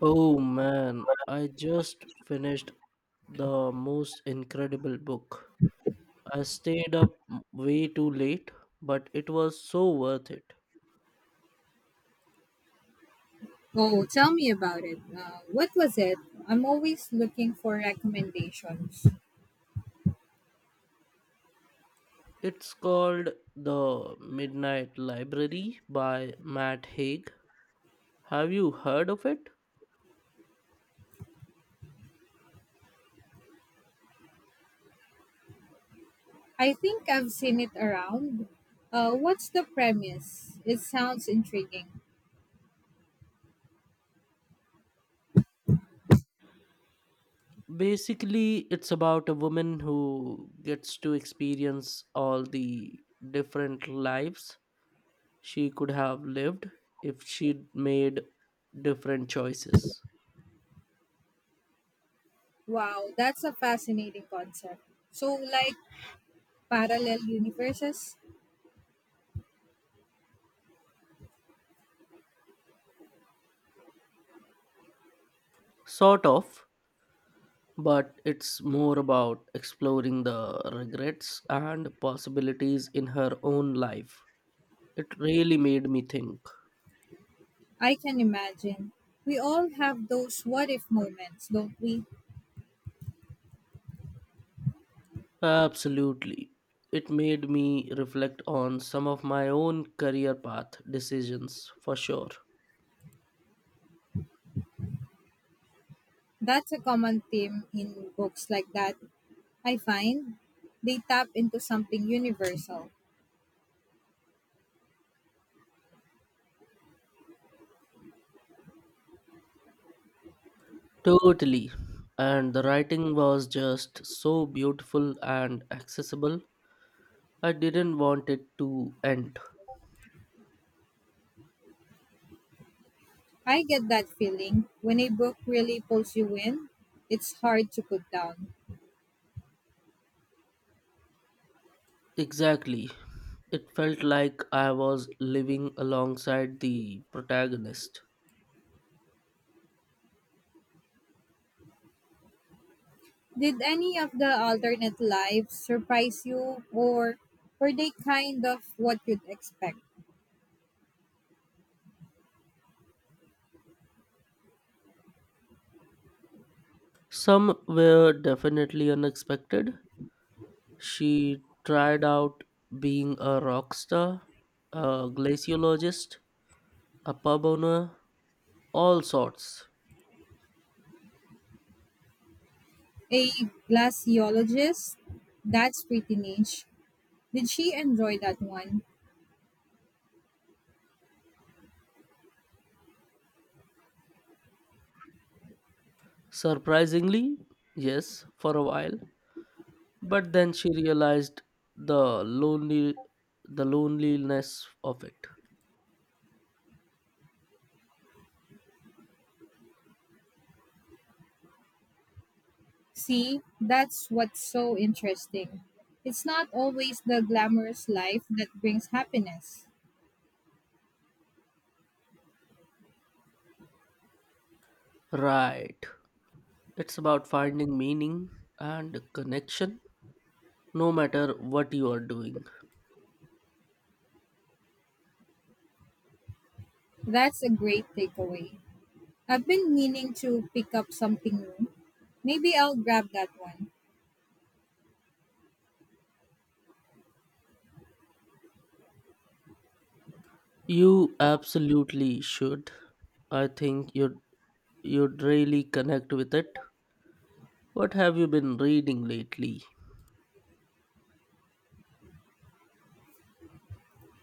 Oh man, I just finished the most incredible book. I stayed up way too late, but it was so worth it. Oh, tell me about it. What was it? I'm always looking for recommendations. It's called The Midnight Library by Matt Haig. Have you heard of it? I think I've seen it around. What's the premise? It sounds intriguing. Basically, it's about a woman who gets to experience all the different lives she could have lived if she'd made different choices. Wow, that's a fascinating concept. So, like parallel universes? Sort of, but it's more about exploring the regrets and possibilities in her own life. It really made me think. I can imagine. We all have those what if moments, don't we? Absolutely. It made me reflect on some of my own career path decisions for sure. That's a common theme in books like that. I find they tap into something universal. Totally. And the writing was just so beautiful and accessible. I didn't want it to end. I get that feeling when a book really pulls you in, it's hard to put down. Exactly. It felt like I was living alongside the protagonist. Did any of the alternate lives surprise you, or were they kind of what you'd expect? Some were definitely unexpected. She tried out being a rock star, a glaciologist, a pub owner, all sorts. A glaciologist? That's pretty niche. Did she enjoy that one? Surprisingly, yes, for a while, but then she realized the lonely the loneliness of it. See, that's what's so interesting. It's not always the glamorous life that brings happiness. Right. It's about finding meaning and connection no matter what you are doing. That's a great takeaway. I've been meaning to pick up something new. Maybe I'll grab that one. You absolutely should. I think you'd really connect with it. What have you been reading lately?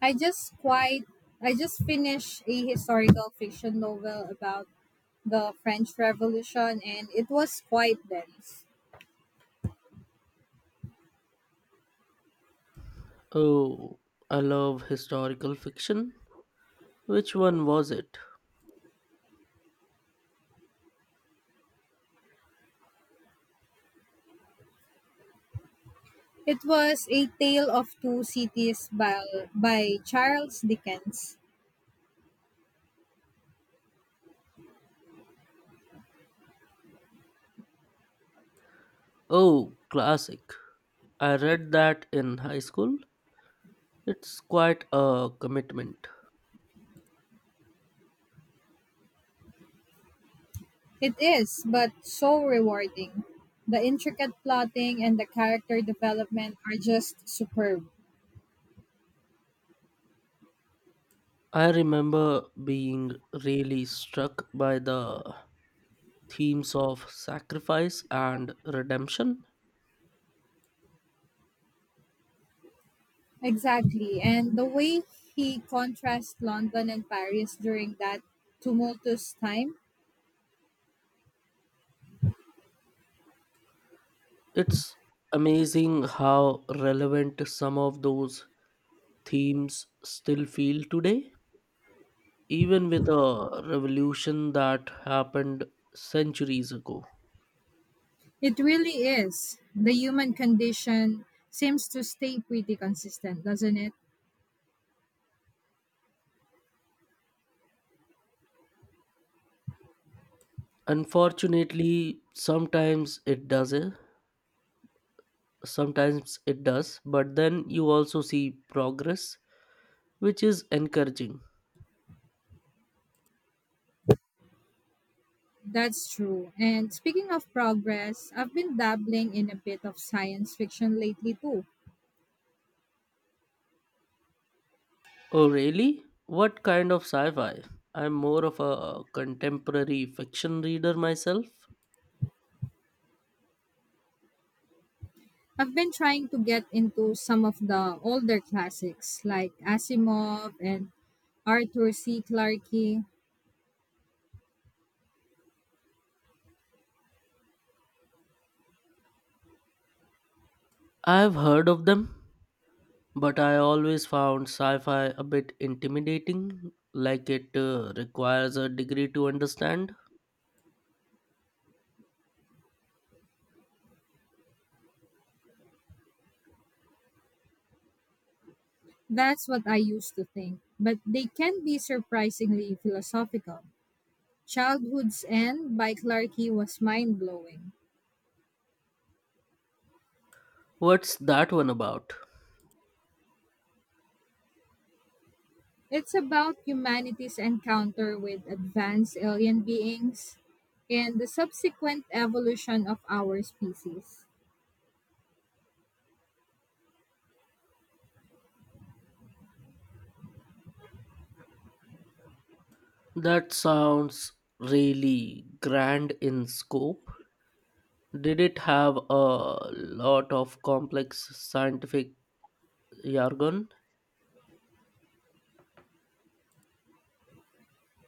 I just quite I just finished a historical fiction novel about the French Revolution, and it was quite dense. Oh, I love historical fiction. Which one was it? It was A Tale of Two Cities by Charles Dickens. Oh, classic. I read that in high school. It's quite a commitment. It is, but so rewarding. The intricate plotting and the character development are just superb. I remember being really struck by the themes of sacrifice and redemption. Exactly. And the way he contrasts London and Paris during that tumultuous time, It's amazing how relevant some of those themes still feel today, even with a revolution that happened centuries ago. it really is. The human condition seems to stay pretty consistent, doesn't it? Unfortunately, sometimes it does, sometimes it does, but then you also see progress, which is encouraging. That's true. And speaking of progress, I've been dabbling in a bit of science fiction lately too. Oh, really? What kind of sci fi? I'm more of a contemporary fiction reader myself. I've been trying to get into some of the older classics like Asimov and Arthur C. Clarke. I've heard of them, but I always found sci fi a bit intimidating, like it requires a degree to understand. That's what I used to think, but they can be surprisingly philosophical. Childhood's End by Clarke was mind blowing. What's that one about? It's about humanity's encounter with advanced alien beings and the subsequent evolution of our species. That sounds really grand in scope. Did it have a lot of complex scientific jargon?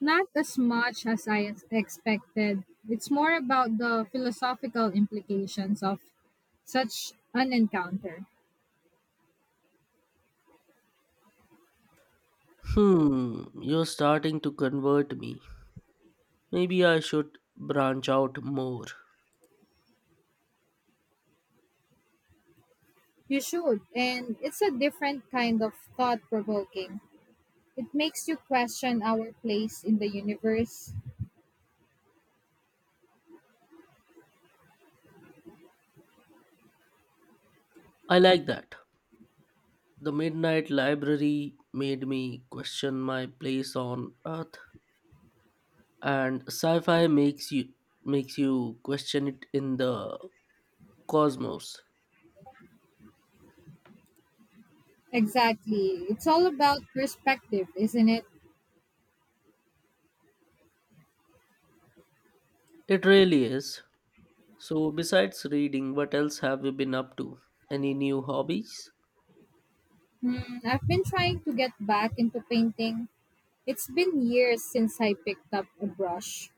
Not as much as expected. It's more about the philosophical implications of such an encounter. Hmm, you're starting to convert me. Maybe I should branch out more. You should, and it's a different kind of thought provoking. It makes you question our place in the universe. I like that. The Midnight Library made me question my place on Earth, and sci-fi makes you question it in the cosmos. Exactly. It's all about perspective, isn't it? It really is. So, besides reading, what else have you been up to? Any new hobbies? Hmm, I've been trying to get back into painting. It's been years since I picked up a brush.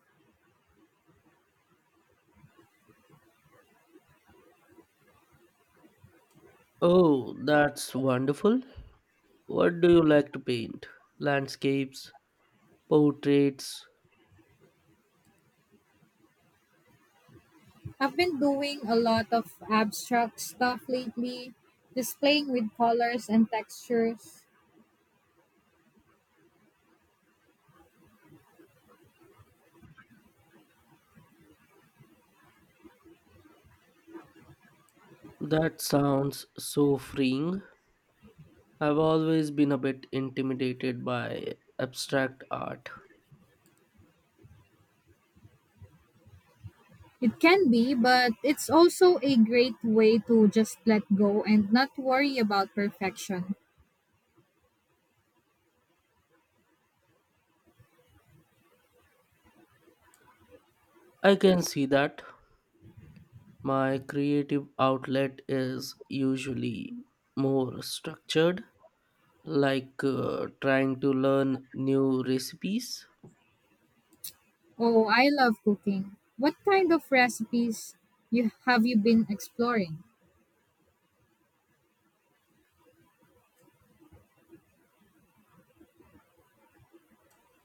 Oh, that's wonderful. What do you like to paint? Landscapes, portraits? I've been doing a lot of abstract stuff lately, just playing with colors and textures. That sounds so freeing. I've always been a bit intimidated by abstract art. It can be, but it's also a great way to just let go and not worry about perfection. I can see that. My creative outlet is usually more structured, like trying to learn new recipes. Oh, I love cooking. What kind of recipes you been exploring?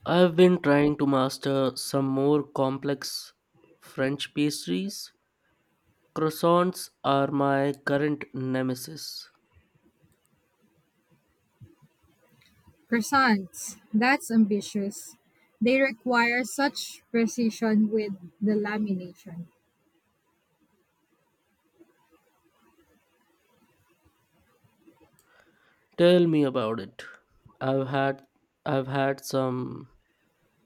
I've been trying to master some more complex French pastries. Croissants are my current nemesis. Croissants. That's ambitious. They require such precision with the lamination. Tell me about it. I've had I've had some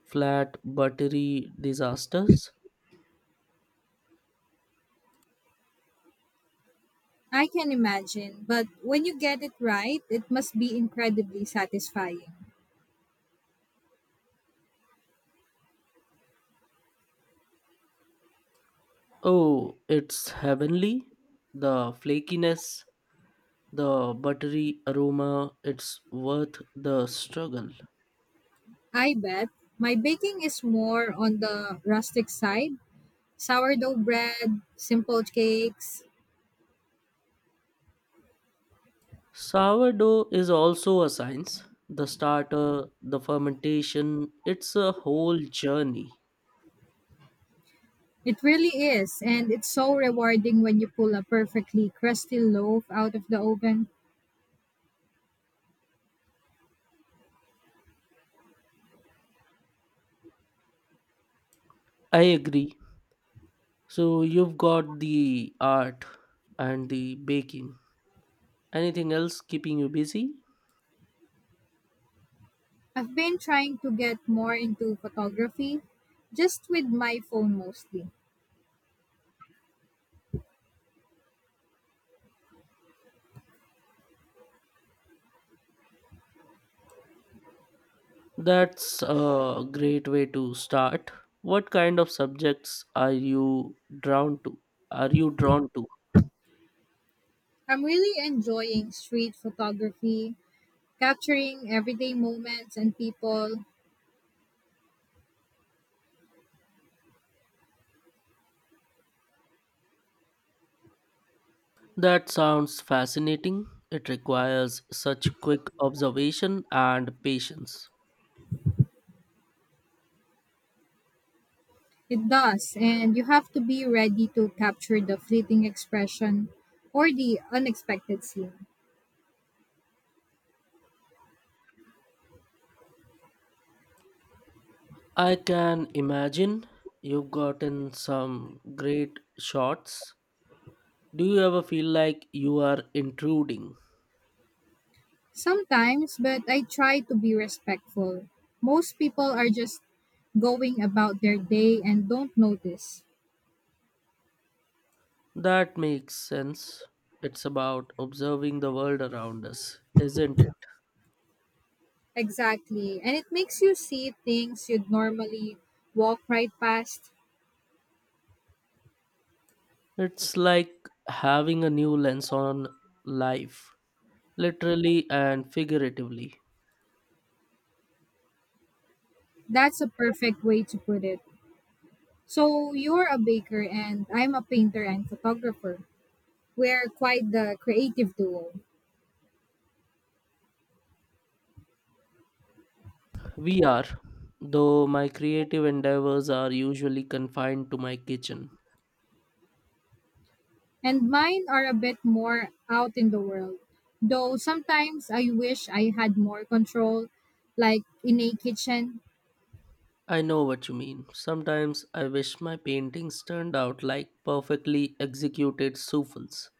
flat buttery disasters. I can imagine, but when you get it right, it must be incredibly satisfying. Oh, it's heavenly. The flakiness, the buttery aroma, it's worth the struggle. I bet my baking is more on the rustic side, sourdough bread, simple cakes. Sourdough is also a science. The starter, the fermentation, it's a whole journey. It really is, and it's so rewarding when you pull a perfectly crusty loaf out of the oven. I agree. So you've got the art and the baking. Anything else keeping you busy? I've been trying to get more into photography, just with my phone mostly. That's a great way to start. What kind of subjects are you drawn to? Are you drawn to? I'm really enjoying street photography, capturing everyday moments and people. That sounds fascinating. It requires such quick observation and patience. It does, and you have to be ready to capture the fleeting expression or the unexpected scene. I can imagine you've gotten some great shots. Do you ever feel like you are intruding? Sometimes, but I try to be respectful. Most people are just going about their day and don't notice. That makes sense. It's about observing the world around us, isn't it? Exactly. And it makes you see things you'd normally walk right past. It's like having a new lens on life, literally and figuratively. That's a perfect way to put it. So, you're a baker and I'm a painter and photographer. We're quite the creative duo. We are, though my creative endeavors are usually confined to my kitchen. And mine are a bit more out in the world. Though sometimes I wish I had more control, like in a kitchen. I know what you mean. Sometimes I wish my paintings turned out like perfectly executed souffles.